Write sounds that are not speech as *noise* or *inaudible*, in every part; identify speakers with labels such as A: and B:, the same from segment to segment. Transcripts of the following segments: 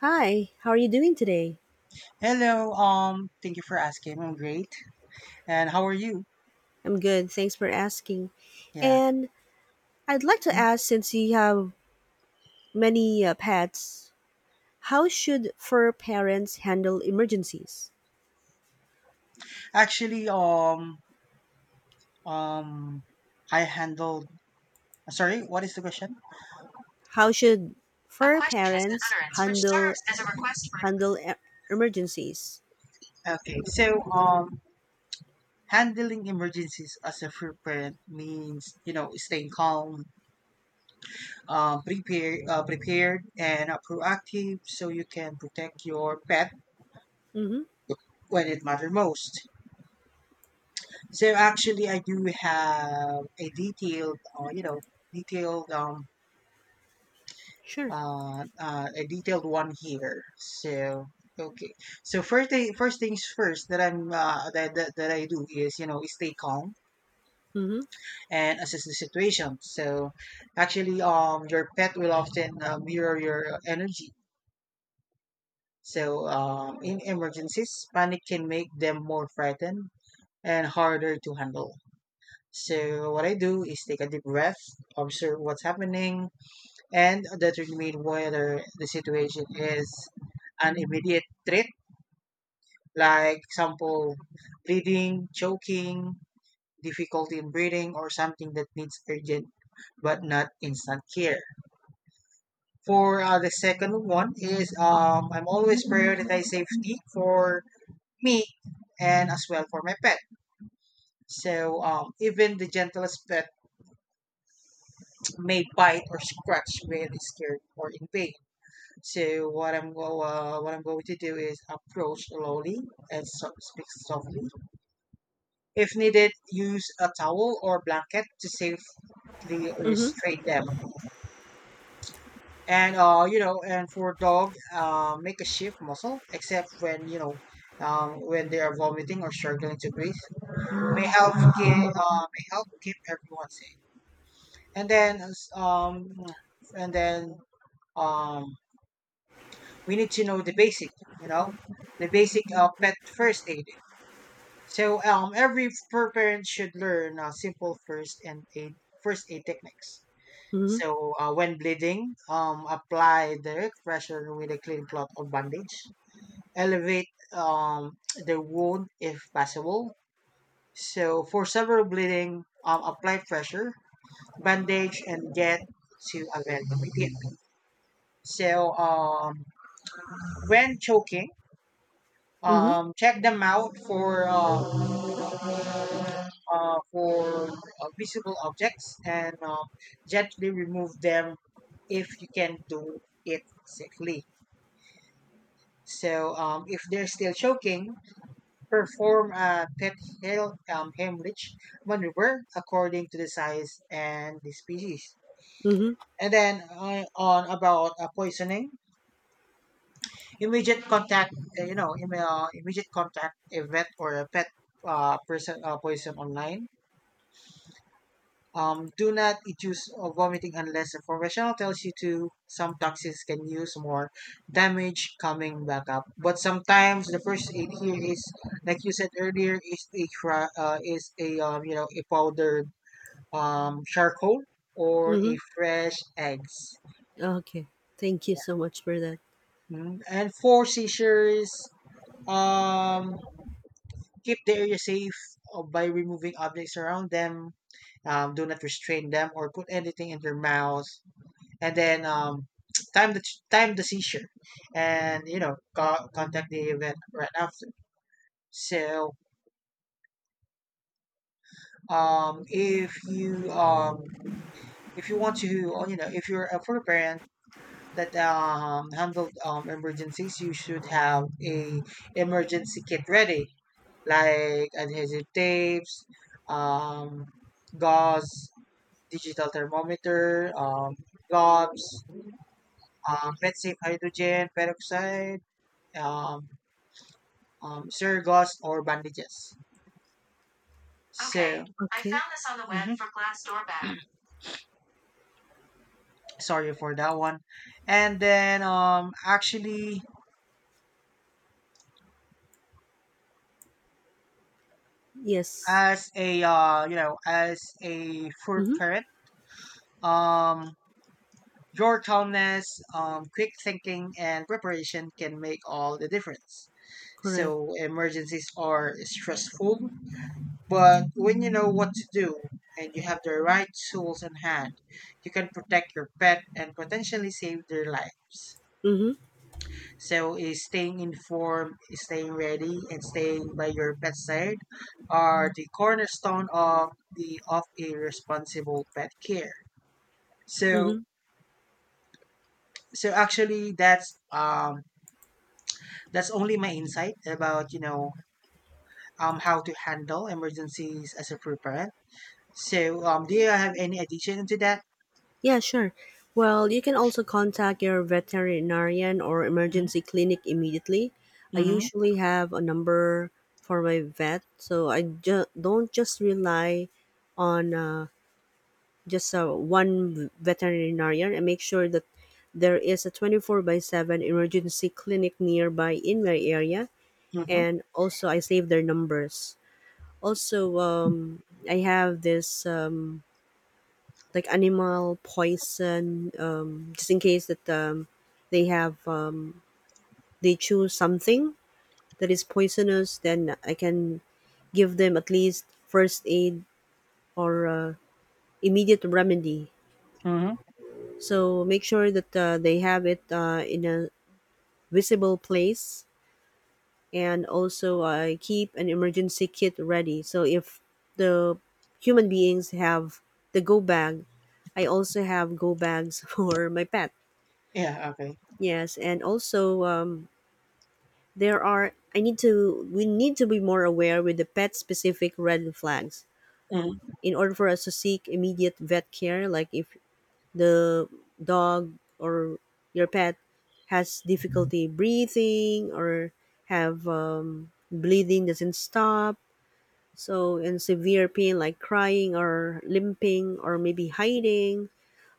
A: Hi, how are you doing today?
B: Hello. Thank you for asking. I'm great. And how are you?
A: I'm good, thanks for asking.
B: Yeah.
A: And I'd like to ask since you have many pets, how should fur parents handle emergencies?
B: Actually, um, I handled. Sorry, what is the question?
A: How should
B: A
A: fur
B: question is an
A: parents
B: utterance which
A: handle
B: serves as a request for.
A: handle e- emergencies?
B: Okay. So, handling emergencies as a free parent means staying calm, prepared, and proactive, so you can protect your pet
A: Mhm.
B: when it matters most. So actually, I do have a detailed, detailed um
A: Sure.
B: a detailed one here. So okay. So first things first that I'm that, that that I do is stay calm
A: Mhm.
B: and assess the situation. So actually, your pet will often mirror your energy. So in emergencies, panic can make them more frightened and harder to handle. So what I do is take a deep breath, observe what's happening, and determine whether the situation is an immediate threat, like example, bleeding, choking, difficulty in breathing, or something that needs urgent but not instant care. For the second one is I'm always prioritize safety for me and as well for my pet. So even the gentlest pet may bite or scratch really scared or in pain. So what I'm going to do is approach slowly and speak softly. If needed, use a towel or blanket to safely
A: Mhm.
B: restrain them. And for dog, make a shift muscle, except when when they are vomiting or struggling to breathe,
A: Mm.
B: may help keep everyone safe. And then um, and then um, we need to know the basic, you know, the basic pet first aid. So every parent should learn simple first aid techniques.
A: Mhm.
B: So when bleeding, apply direct pressure with a clean cloth or bandage. Elevate the wound if possible. So for severe bleeding, apply pressure, bandage, and get to a vent. So when choking,
A: Mhm.
B: check them out for visible objects and gently remove them if you can do it safely. So if they're still choking, perform a pet hemorrhage maneuver according to the size and the species.
A: Mhm.
B: And then on about poisoning, immediate contact, you know, im- immediate contact a vet or a pet person poison online. Do not induce vomiting unless a professional tells you to. Some toxins can use more damage coming back up. But sometimes the first aid here is, like you said earlier, is a you know a powdered charcoal or a
A: Mhm.
B: fresh eggs.
A: Okay. Thank you so much for that.
B: Yeah. And for seizures, um, keep the area safe by removing objects around them. Do not restrain them or put anything in their mouth. And then time the time the seizure, and contact the event right after. So um, if you um, if you want to oh, you know if you're a for parent that handled emergencies, you should have a emergency kit ready, like adhesive tapes, um, gauze, digital thermometer, gloves, let's say hydrogen peroxide. Um, surgos or bandages. Okay. So I
A: Okay.
B: found this on the web, mhm, for Glassdoor bag. *clears throat* Sorry for that one. And then actually,
A: Yes.
B: as a you know, as a food
A: Mhm.
B: parent, um, your calmness, quick thinking, and preparation can make all the difference.
A: Correct.
B: So emergencies are stressful, but when you know what to do and you have the right tools in hand, you can protect your pet and potentially save their lives.
A: Mhm.
B: So is staying informed, is staying ready, and staying by your bedside are the cornerstone of the of a responsible pet care. So
A: Mhm.
B: actually that's only my insight about how to handle emergencies as a free parent. So do you have any addition to that?
A: Yeah, sure. Well, you can also contact your veterinarian or
B: Mm-hmm.
A: emergency clinic immediately. I
B: Mm-hmm.
A: usually have a number for my vet, so I don't just rely on just one veterinarian. I make sure that there is a 24 by 7 emergency clinic nearby in my area,
B: Mm-hmm.
A: and also I save their numbers. Also, I have this. Like animal poison, just in case that they have they choose something that is poisonous, then I can give them at least first aid or immediate remedy.
B: Mm-hmm.
A: So make sure that they have it in a visible place, and also keep an emergency kit ready. So if the human beings have the go bag, I also have go bags *laughs* for my pet.
B: Yeah, okay.
A: Yes, and also there are. I need to. We need to be more aware with the pet-specific red flags
B: Mm-hmm.
A: in order for us to seek immediate vet care. Like if the dog or your pet has difficulty breathing or have bleeding doesn't stop, so and severe pain like crying or limping or maybe hiding.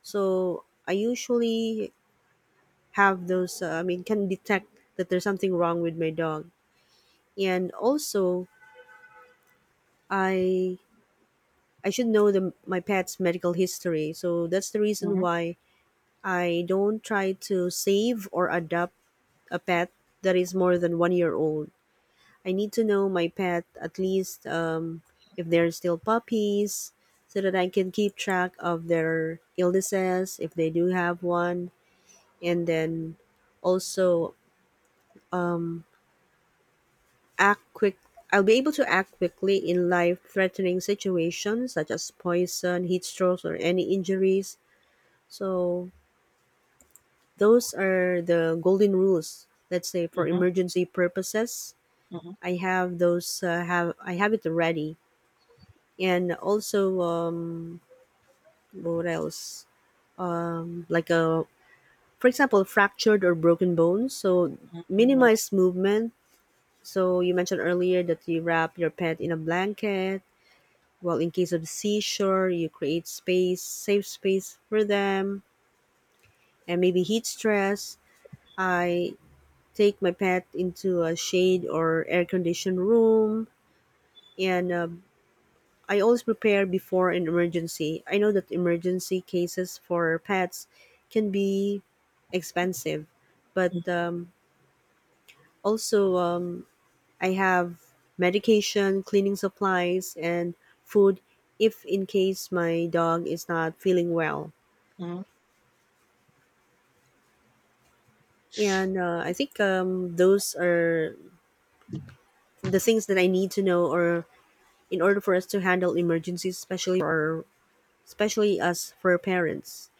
A: So I usually have those can detect that there's something wrong with my dog, and also i I should know the my pet's medical history. So that's the reason
B: Mm-hmm.
A: why I don't try to save or adopt a pet that is more than 1 year old. I need to know my pet at least if they're still puppies, so that I can keep track of their illnesses if they do have one. And then also act quick I'll be able to act quickly in life-threatening situations such as poison, heat strokes, or any injuries. So those are the golden rules. Let's say for
B: Mm-hmm.
A: emergency purposes,
B: Mm-hmm.
A: I have those. Have I have it ready, and also what else? Like a, for example, fractured or broken bones. So
B: Mm-hmm. Mm-hmm.
A: minimize movement. So you mentioned earlier that you wrap your pet in a blanket. Well, in case of seashore, you create space, safe space for them, and maybe heat stress. I take my pet into a shade or air conditioned room, and I always prepare before an emergency. I know that emergency cases for pets can be expensive, but also I have medication, cleaning supplies, and food if in case my dog is not feeling well.
B: Mm-hmm.
A: And I think those are the things that I need to know, or in order for us to handle emergencies, especially us for parents.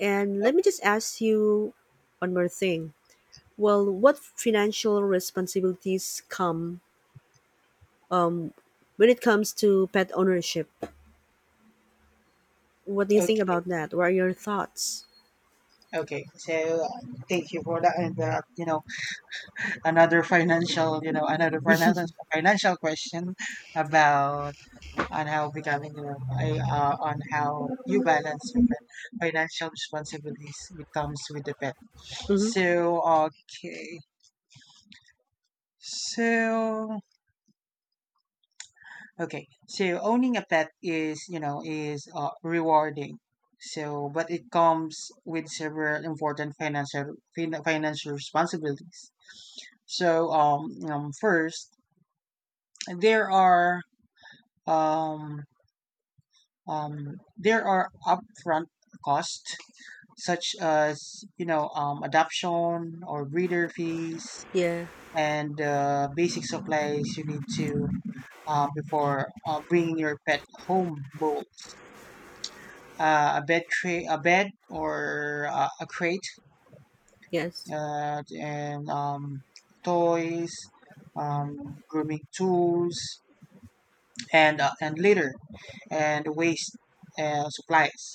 A: And let me
B: Okay.
A: just ask you one more thing. Well, what financial responsibilities come when it comes to pet ownership? What do you think
B: Okay.
A: about that? What are your thoughts?
B: Okay, so uh, thank you for that. And another financial, financial question about on how becoming, you know, I, on how you balance your financial responsibilities with comes with the pet.
A: Mm-hmm.
B: So okay, so okay, so owning a pet is, rewarding. So, but it comes with several important financial financial responsibilities. So first, there are um there are upfront costs such as adoption or breeder fees
A: Yeah.
B: and basic supplies you need to before bringing your pet home, bowls, a bed tray, a bed, or a crate,
A: Yes.
B: and toys, grooming tools, and litter and waste supplies.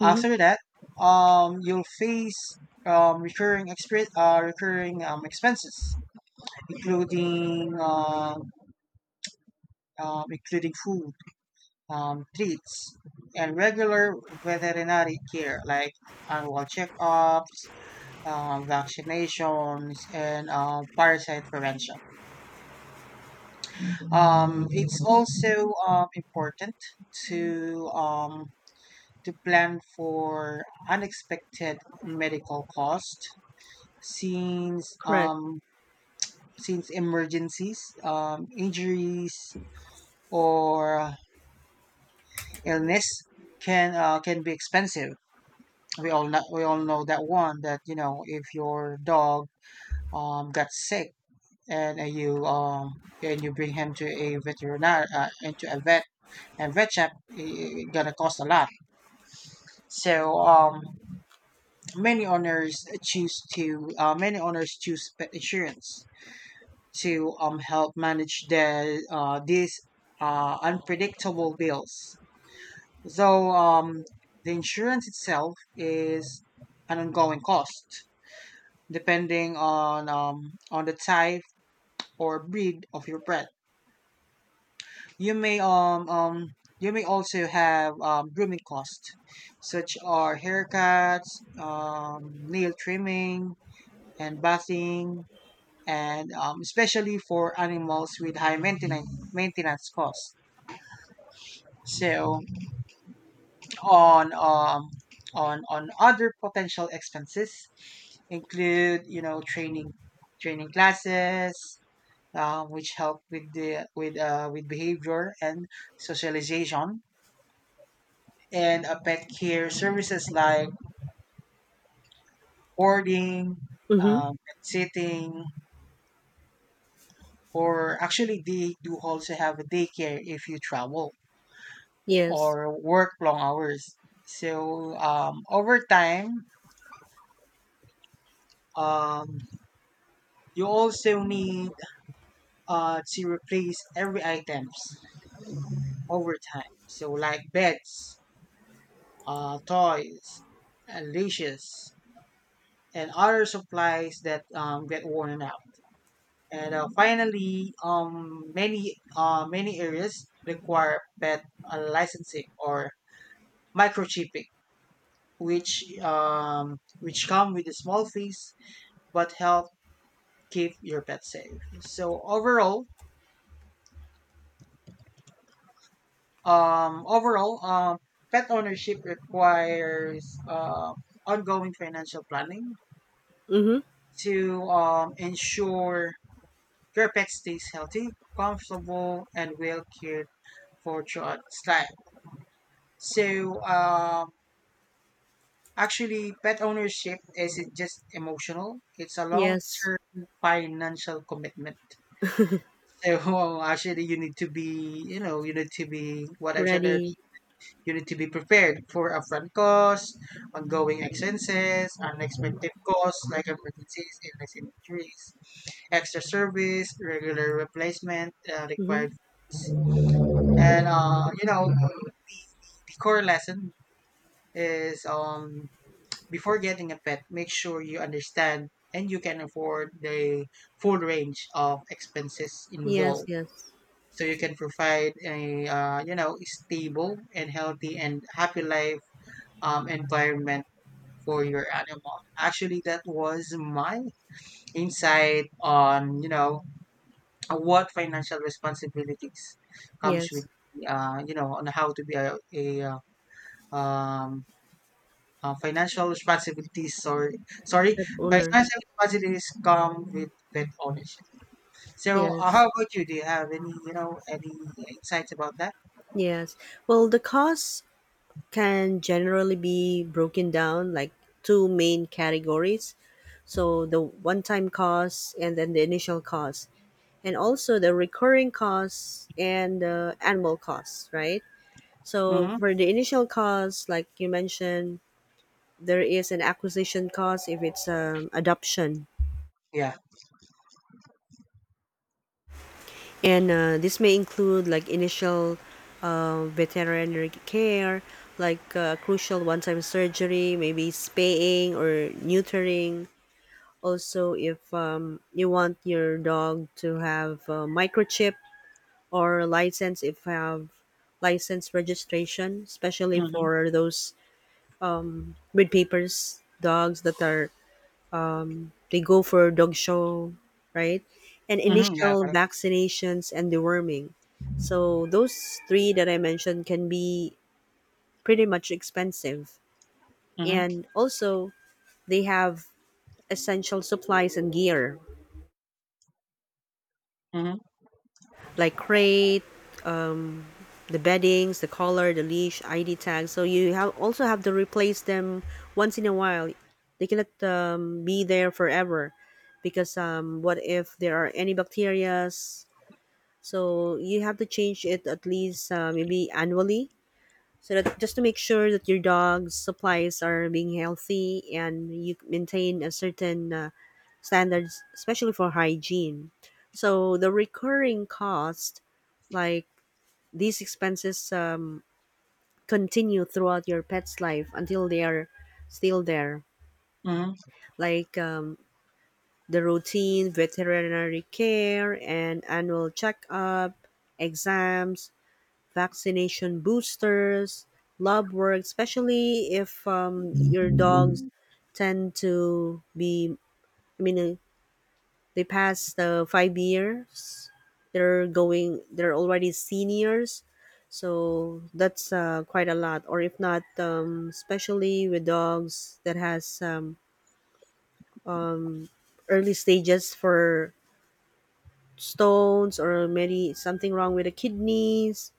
A: Mm-hmm.
B: After that, you'll face recurring recurring expenses, including uh, including food, treats, and regular veterinary care like annual checkups, vaccinations, and parasite prevention. It's also important to plan for unexpected medical costs, since
A: Correct.
B: emergencies, injuries, or illness can be expensive. We all know that one that if your dog got sick and you bring him to a veterinar into a vet and vet check i- gonna cost a lot. So many owners choose pet insurance to help manage these unpredictable bills. Though the insurance itself is an ongoing cost depending on the type or breed of your pet. You may um, um you may also have grooming costs such are haircuts, um, nail trimming, and bathing and especially for animals with high maintenance costs. So on on other potential expenses include training classes, which help with the with behavior and socialization, and pet care services like boarding,
A: Mm-hmm.
B: pet sitting, or actually they do also have a daycare if you travel.
A: Yes.
B: Or work long hours. So over time, um, you also need to replace every items over time. So like beds, toys, and leashes, and other supplies that get worn out. And finally, many areas require pet licensing or microchipping, which come with a small fees but help keep your pet safe. So overall, um, overall, um, pet ownership requires ongoing financial planning
A: Mm-hmm.
B: to ensure your pet stays healthy, comfortable, and well cared for throughout its life. So actually, pet ownership isn't just emotional; it's a
A: Yes.
B: long-term financial commitment. So *laughs* actually, you need to be what I've said earlier.
A: Ready.
B: You need to be prepared for upfront costs, ongoing expenses, unexpected costs like emergencies, illness, injuries, extra service, regular replacement,
A: Mm-hmm.
B: required fees. And the core lesson is, before getting a pet, make sure you understand and you can afford the full range of expenses
A: Yes.
B: involved,
A: Yes.
B: so you can provide a stable and healthy and happy life environment for your animal. Actually, that was my insight on what financial responsibilities comes
A: Yes,
B: with on how to be a um, financial responsibilities. Sorry,
A: pet owner.
B: financial responsibilities come with pet ownership. So, how
A: Yes,
B: about you? Do you have any any insights about that?
A: yes. Well, the costs can generally be broken down like two main categories. So the one-time costs and then the initial costs, and also the recurring costs and the annual costs, right? So
B: Mm-hmm.
A: for the initial costs, like you mentioned, there is an acquisition cost if it's adoption.
B: Yeah.
A: And this may include like initial veterinary care, like crucial one time surgery, maybe spaying or neutering. Also, if you want your dog to have a microchip or license, if have license registration, especially
B: Mm-hmm.
A: for those breed papers dogs that are they go for dog show, right? And
B: Mm-hmm. Yeah.
A: initial vaccinations and deworming. So those three that I mentioned can be pretty much expensive.
B: Mm-hmm.
A: And also they have essential supplies and gear
B: Mm-hmm.
A: like crate, um, the beddings, the collar, the leash, ID tags. So you have also have to replace them once in a while. They cannot be there forever, because what if there are any bacterias. So you have to change it at least maybe annually, so that just to make sure that your dog's supplies are being healthy and you maintain a certain standards, especially for hygiene. So the recurring cost, like these expenses, continue throughout your pet's life until they are still there,
B: Mm-hmm.
A: like the routine veterinary care and annual checkup, exams, vaccination boosters, lab work, especially if your dogs tend to be, I mean, uh, they pass the 5 years, they're already seniors. So that's quite a lot. Or if not, especially with dogs that has early stages for stones or maybe something wrong with the kidneys.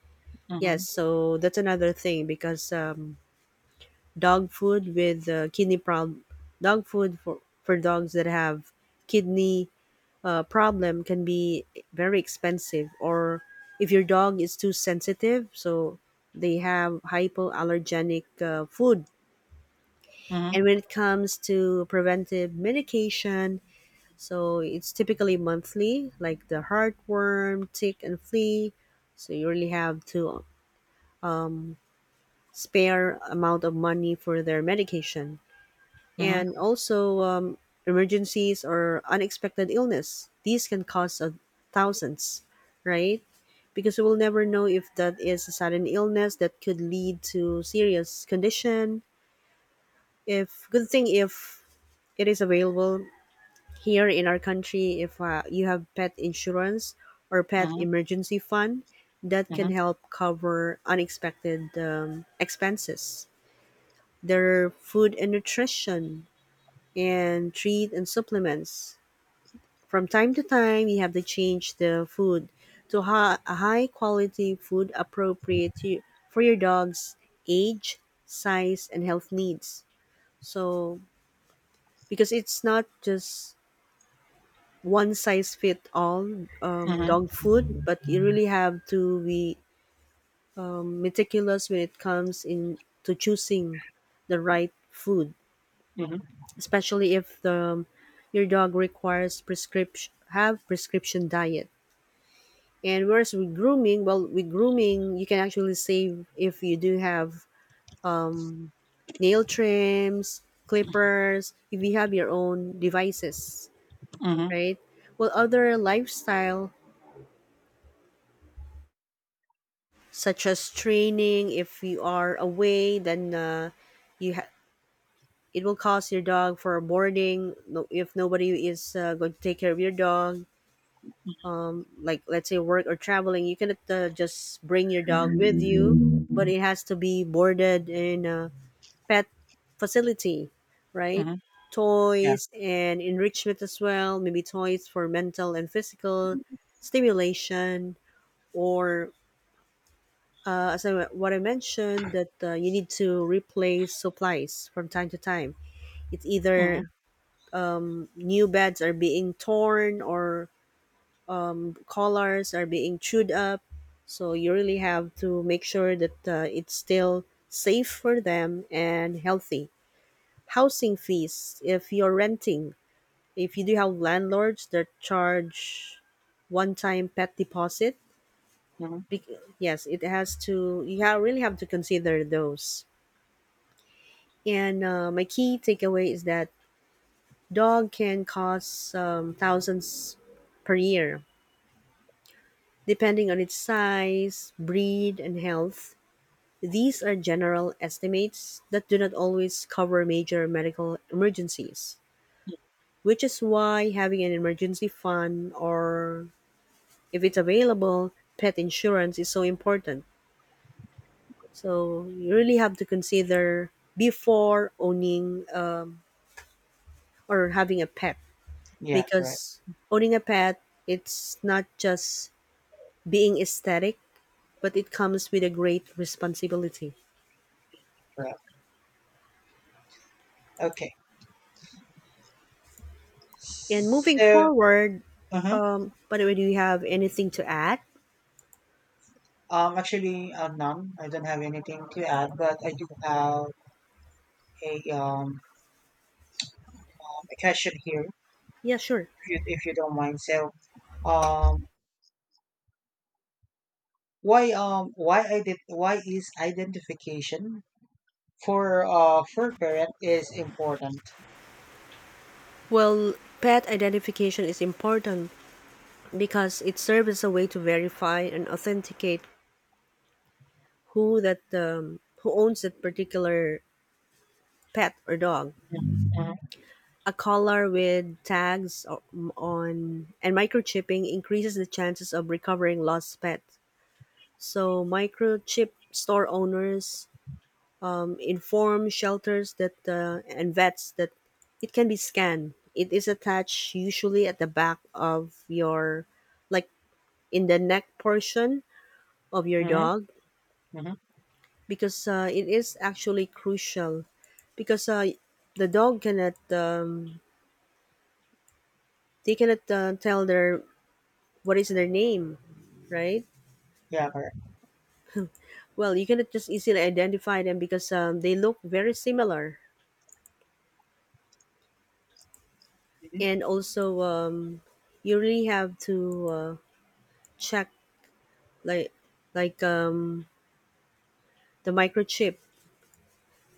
A: Yes,
B: Mm-hmm.
A: so that's another thing, because dog food with kidney problem dog food for dogs that have kidney problem can be very expensive. Or if your dog is too sensitive, so they have hypoallergenic food. And
B: Mm-hmm.
A: when it comes to preventive medication, so it's typically monthly like the heartworm tick and flea, so you really have to spare amount of money for their medication. And
B: Mm-hmm.
A: also emergencies or unexpected illness. These can cost thousands, right? Because we will never know if that is a sudden illness that could lead to serious condition. If good thing if it is available here in our country, if you have pet insurance or pet
B: Mm-hmm.
A: emergency fund, that can help cover unexpected expenses. Their food and nutrition and treat and supplements. From time to time, you have to change the food a high quality food appropriate to, for your dog's age, size, and health needs. So, because it's not just one size fit all
B: Mhm.
A: dog food, but you really have to be meticulous when it comes in to choosing the right food,
B: Mhm.
A: especially if the your dog requires prescription have prescription diet. And whereas with grooming, well, with grooming you can actually save if you do have um, nail trims, clippers, if you have your own devices,
B: Mhm.
A: right? Well, other lifestyle such as training, if you are away, then you ha- it will cost your dog for boarding if nobody is going to take care of your dog, like let's say work or traveling, you cannot just bring your dog with you, but it has to be boarded in a pet facility, right?
B: Mhm. Yeah.
A: Toys and enrichment as well, maybe toys for mental and physical stimulation, or what I mentioned, that you need to replace supplies from time to time. It's
B: Mhm.
A: either new beds are being torn or collars are being chewed up. So you really have to make sure that it's still safe for them and healthy. Housing fees, if you're renting, if you do have landlords that charge one time pet deposit,
B: Mhm.
A: bec- yes, it has to, really have to consider those. And my key takeaway is that dog can cost thousands per year, depending on its size, breed, and health. These are general estimates that do not always cover major medical emergencies, which is why having an emergency fund or, if it's available, pet insurance is so important. So you really have to consider before owning or having a pet,
B: Yeah. Right.
A: because owning a pet, it's not just being aesthetic, but it comes with a great responsibility.
B: Right. Okay.
A: And moving
B: So,
A: forward,
B: uh huh.
A: by the way, do you have anything to add?
B: Actually, none. I don't have anything to add, but I do have a um, a question here,
A: Yeah, sure.
B: if you don't mind. So, um, why ident why is identification for parent is important?
A: Well, pet identification is important because it serves as a way to verify and authenticate who owns that particular pet or dog.
B: Mhm. Mhm.
A: A collar with tags on and microchipping increases the chances of recovering lost pets. So microchip store owners inform shelters that and vets that it can be scanned. It is attached usually at the back of your, like in the neck portion of your
B: Mhm.
A: dog,
B: Mhm.
A: because it is actually crucial, because the dog cannot they cannot tell their what is their name, right?
B: Yeah. Correct.
A: Well, you cannot just easily identify them because they look very similar,
B: Mhm.
A: and also you really have to check like like um, the microchip.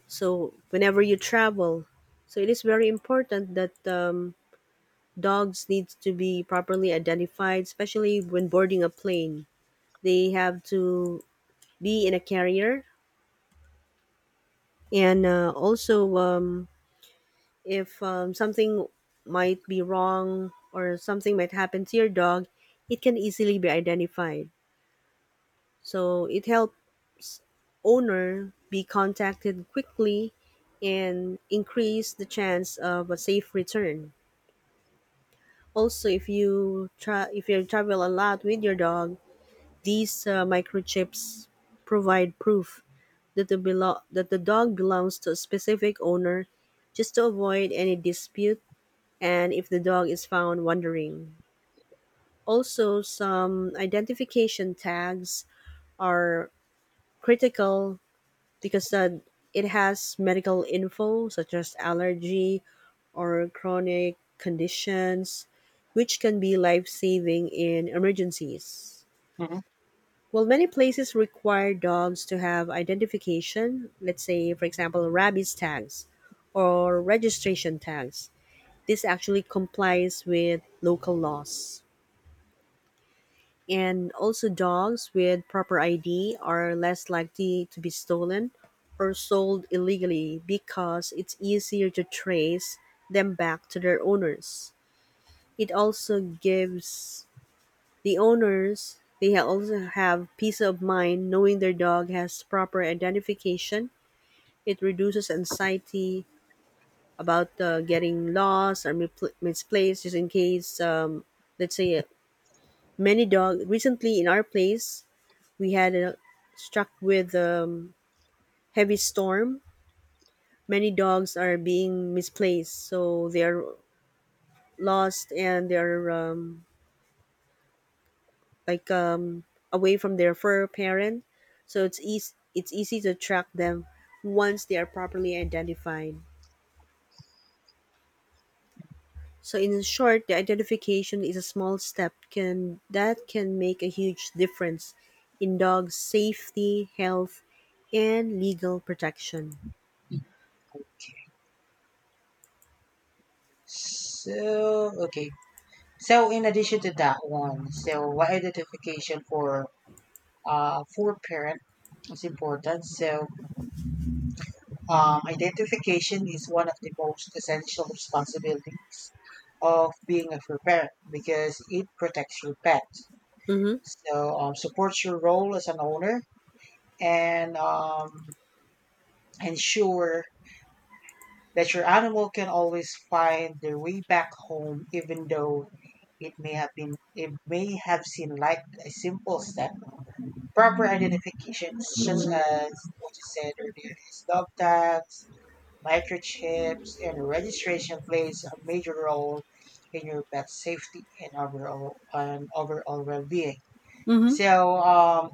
A: So whenever you travel, so it is very important that dogs needs to be properly identified, especially when boarding a plane. They have to be in a carrier, and also if something might be wrong or something might happen to your dog, it can easily be identified. So it helps owner be contacted quickly and increase the chance of a safe return. Also, if you if you travel a lot with your dog, these microchips provide proof that that the dog belongs to a specific owner, just to avoid any dispute and if the dog is found wandering. Also, some identification tags are critical because it has medical info such as allergy or chronic conditions, which can be life saving in emergencies.
B: Mhm.
A: Well, many places require dogs to have identification, let's say, for example, rabies tags or registration tags. This actually complies with local laws. And also, dogs with proper ID are less likely to be stolen or sold illegally because it's easier to trace them back to their owners. It also gives the also have peace of mind knowing their dog has proper identification. It reduces anxiety about getting lost or misplaced just in case let's say many dog recently in our place we had a struck with heavy storm. Many dogs are being misplaced, so they are lost and they're like away from their fur parent. So it's easy to track them once they are properly identified. So in short, the identification is a small step can that can make a huge difference in dog safety, health, and legal protection.
B: So, okay. So in addition to that one, so why identification for parent is important. So identification is one of the most essential responsibilities of being a fur parent because it protects your pet.
A: Mm-hmm.
B: So supports your role as an owner and ensure that your animal can always find their way back home. Even though it may have seemed like a simple step, proper identifications such as what you said earlier is dog tags, microchips, and registration plays a major role in your pet's safety and overall well-being.
A: Mm-hmm.
B: So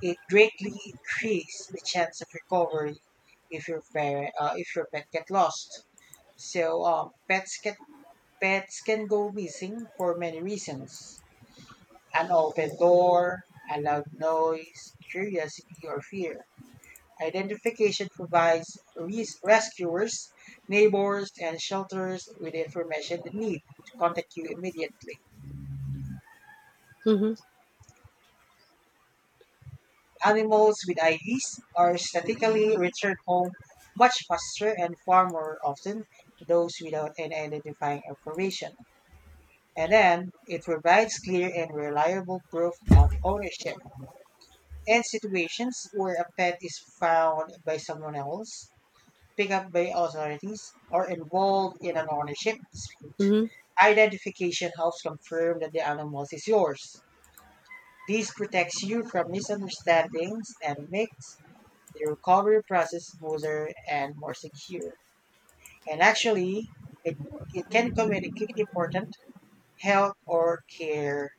B: it greatly increases the chance of recovery if your pet get lost. So pets can go missing for many reasons: an open door, a loud noise, curiosity, or fear. Identification provides rescuers, neighbors, and shelters with the information they need to contact you immediately.
A: Mm-hmm.
B: Animals with IDs are statistically returned home much faster and far more often than those without any identifying information. And then it provides clear and reliable proof of ownership in situations where a pet is found by someone else, picked up by authorities, or involved in an ownership dispute.
A: Mm-hmm.
B: Identification helps confirm that the animal is yours. This protects you from misunderstandings and makes the recovery process smoother and more secure. And actually, it, it can communicate important health or care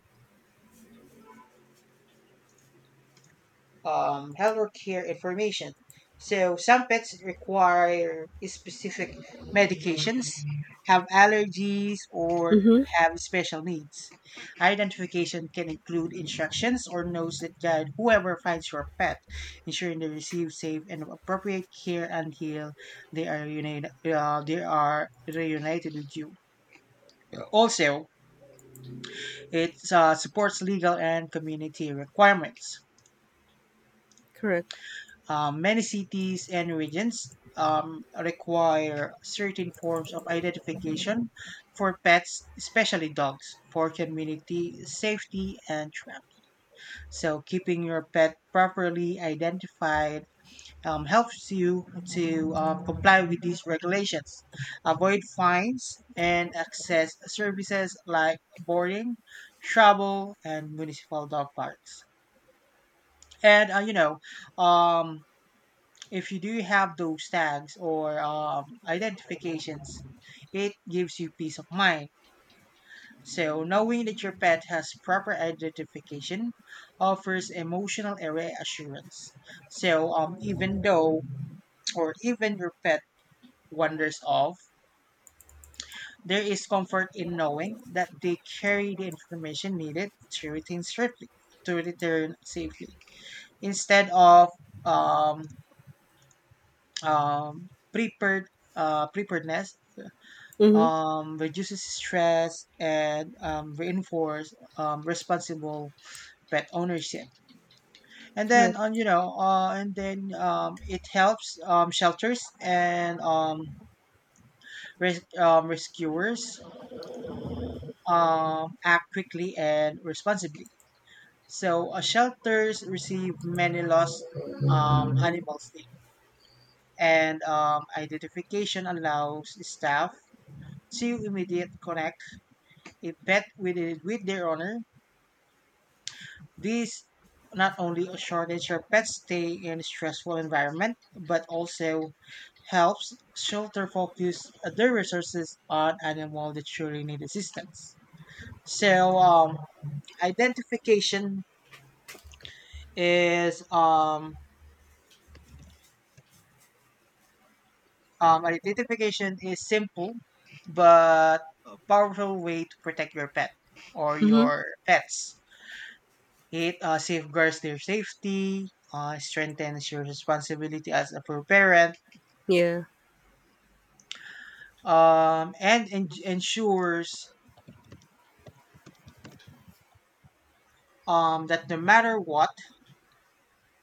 B: healthcare information. So some pets require specific medications, have allergies, or
A: Mm-hmm.
B: have special needs. Identification can include instructions or notes that guide whoever finds your pet, ensuring they receive safe and appropriate care until they are united. They are reunited with you. Also, it supports legal and community requirements.
A: Correct.
B: Many cities and regions require certain forms of identification for pets, especially dogs, for community safety and trust. So, keeping your pet properly identified helps you to comply with these regulations, avoid fines, and access services like boarding, travel, and municipal dog parks. And um, if you do have those tags or identifications, it gives you peace of mind. So, knowing that your pet has proper identification offers emotional reassurance. So, even though or even your pet wanders off, there is comfort in knowing that they carry the information needed to return safely. To return safely instead of um, um, prepared preparedness
A: Mm-hmm.
B: reduces stress and reinforce responsible pet ownership. And
A: Correct.
B: then on you know, and then It helps shelters and rescuers act quickly and responsibly. So shelters receive many lost animals name, and identification allows staff to immediate connect a pet with their owner. This not only shortens your pet's stay in stressful environment, but also helps shelter focus their resources on animals that truly need assistance. So identification is um, identification is simple but a powerful way to protect your pet or
A: Mm-hmm.
B: your pets. It safeguards their safety, strengthens your responsibility as a parent,
A: Yeah.
B: and ensures that no matter what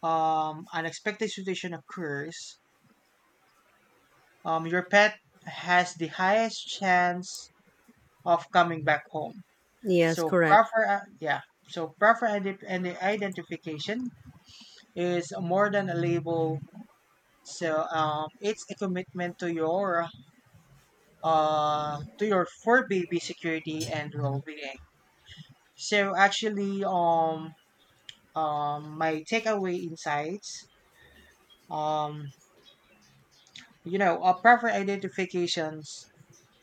B: unexpected situation occurs, your pet has the highest chance of coming back home.
A: Yes.
B: So
A: Correct.
B: proper, yeah. So proper ide- and the identification is more than a label. So it's a commitment to your fur baby security and well being. So actually, my takeaway insights, um you know, proper identifications,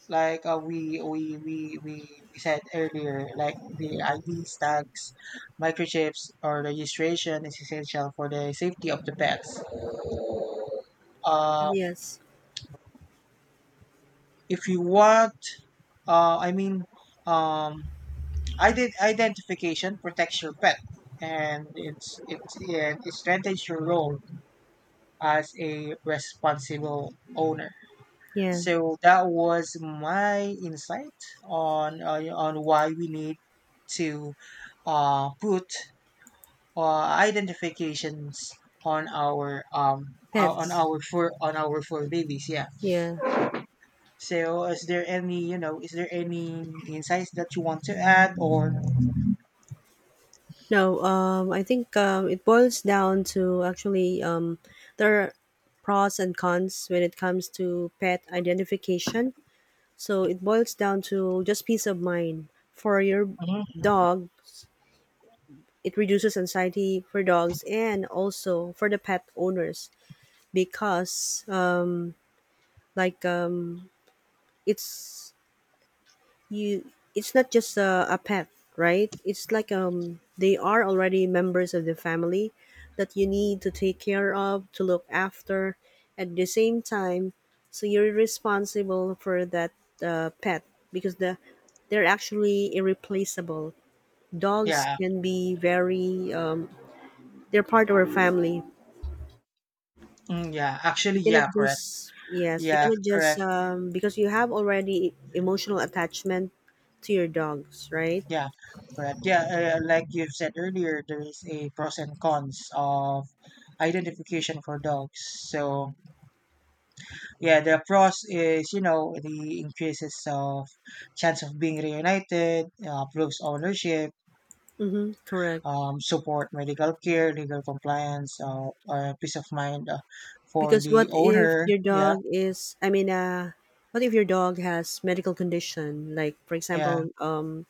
B: like we said earlier, like the id tags, microchips, or registration is essential for the safety of the pets. Uh
A: Yes.
B: if you want I mean um ident- Identification protects your pet and it strengthens your role as a responsible owner.
A: Yeah.
B: So that was my insight on why we need to put uh, identifications on our
A: Pets.
B: on our four babies. Yeah.
A: Yeah.
B: So is there any is there any insights that you want to add or
A: No. I think It boils down to actually. There are pros and cons when it comes to pet identification. So it boils down to just peace of mind for your
B: mhm.
A: dogs. It reduces anxiety for dogs and also for the pet owners because like, It's you it's not just a pet, right? It's like they are already members of the family that you need to take care of, to look after at the same time, so you're responsible for that pet because they're actually irreplaceable. Dogs
B: Yeah.
A: can be very they're part of our family.
B: Mm, yeah,
A: You
B: actually,
A: cannot
B: yeah, correct.
A: just, yes, you
B: Yeah,
A: cannot just
B: correct.
A: because you have already emotional attachment to your dogs, right?
B: Yeah, correct. Yeah, like you said earlier, there is a pros and cons of identification for dogs. So, yeah, the pros is, you know, the increases of chance of being reunited, proves ownership,
A: Mm-hmm, correct.
B: support medical care, legal compliance, peace of mind for
A: Because
B: the
A: what if
B: owner.
A: your
B: Yeah,
A: dog is, I mean, what if your dog has medical condition, like for
B: yeah.
A: example,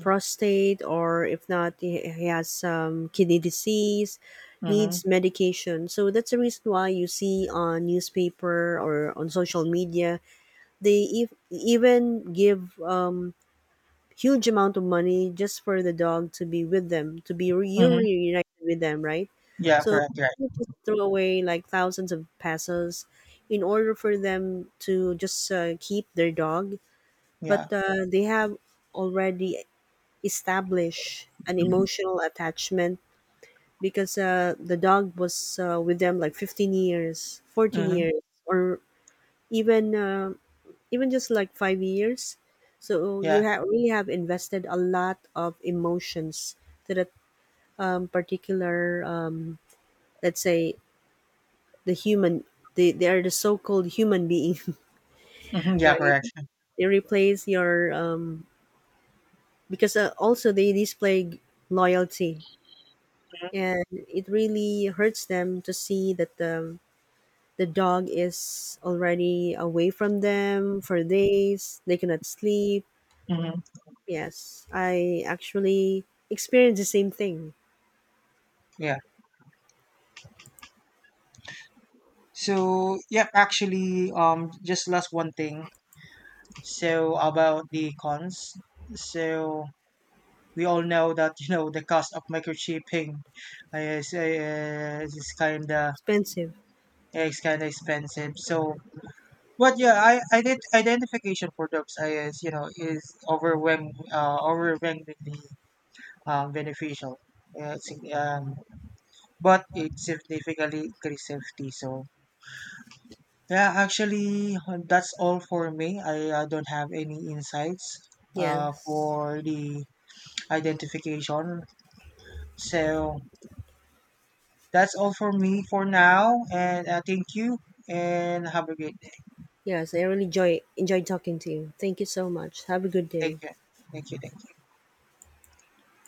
A: prostate, or if not, he has some kidney disease, needs
B: Mm-hmm.
A: medication. So that's the reason why you see on newspaper or on social media, they even give huge amount of money just for the dog to be with them, to be you
B: Mm-hmm.
A: reunited with them, right?
B: Yeah,
A: So
B: correct, right.
A: you just throw away like thousands of pesos in order for them to just keep their dog, but
B: Yeah.
A: they have already established an emotional attachment because the dog was with them like 15 years, 14
B: Mm-hmm.
A: years, or even even just like 5 years, so you
B: Yeah.
A: really have invested a lot of emotions to that particular let's say the human, they are the so-called human being *laughs*
B: Mm-hmm. Yeah,
A: right?
B: correct. Mm-hmm.
A: They replace your because also they display loyalty, and it really hurts them to see that the dog is already away from them for days, they cannot sleep.
B: Mm-hmm.
A: Yes, I actually experienced the same thing.
B: Yeah. So yeah, actually, just last one thing. So about the cons. So we all know that you know the cost of microchipping is
A: Expensive.
B: is kind of expensive. So but yeah, I did identification for dogs is you know is overwhelmingly beneficial. Uh, sig- um, but it significantly increases safety. So yeah, actually, that's all for me. I don't have any insights
A: Yes.
B: for the identification. So that's all for me for now. And thank you and have a great day.
A: Yes, I really enjoy talking to you. Thank you so much. Have a good
B: Thank
A: day.
B: you. Thank you. Thank you.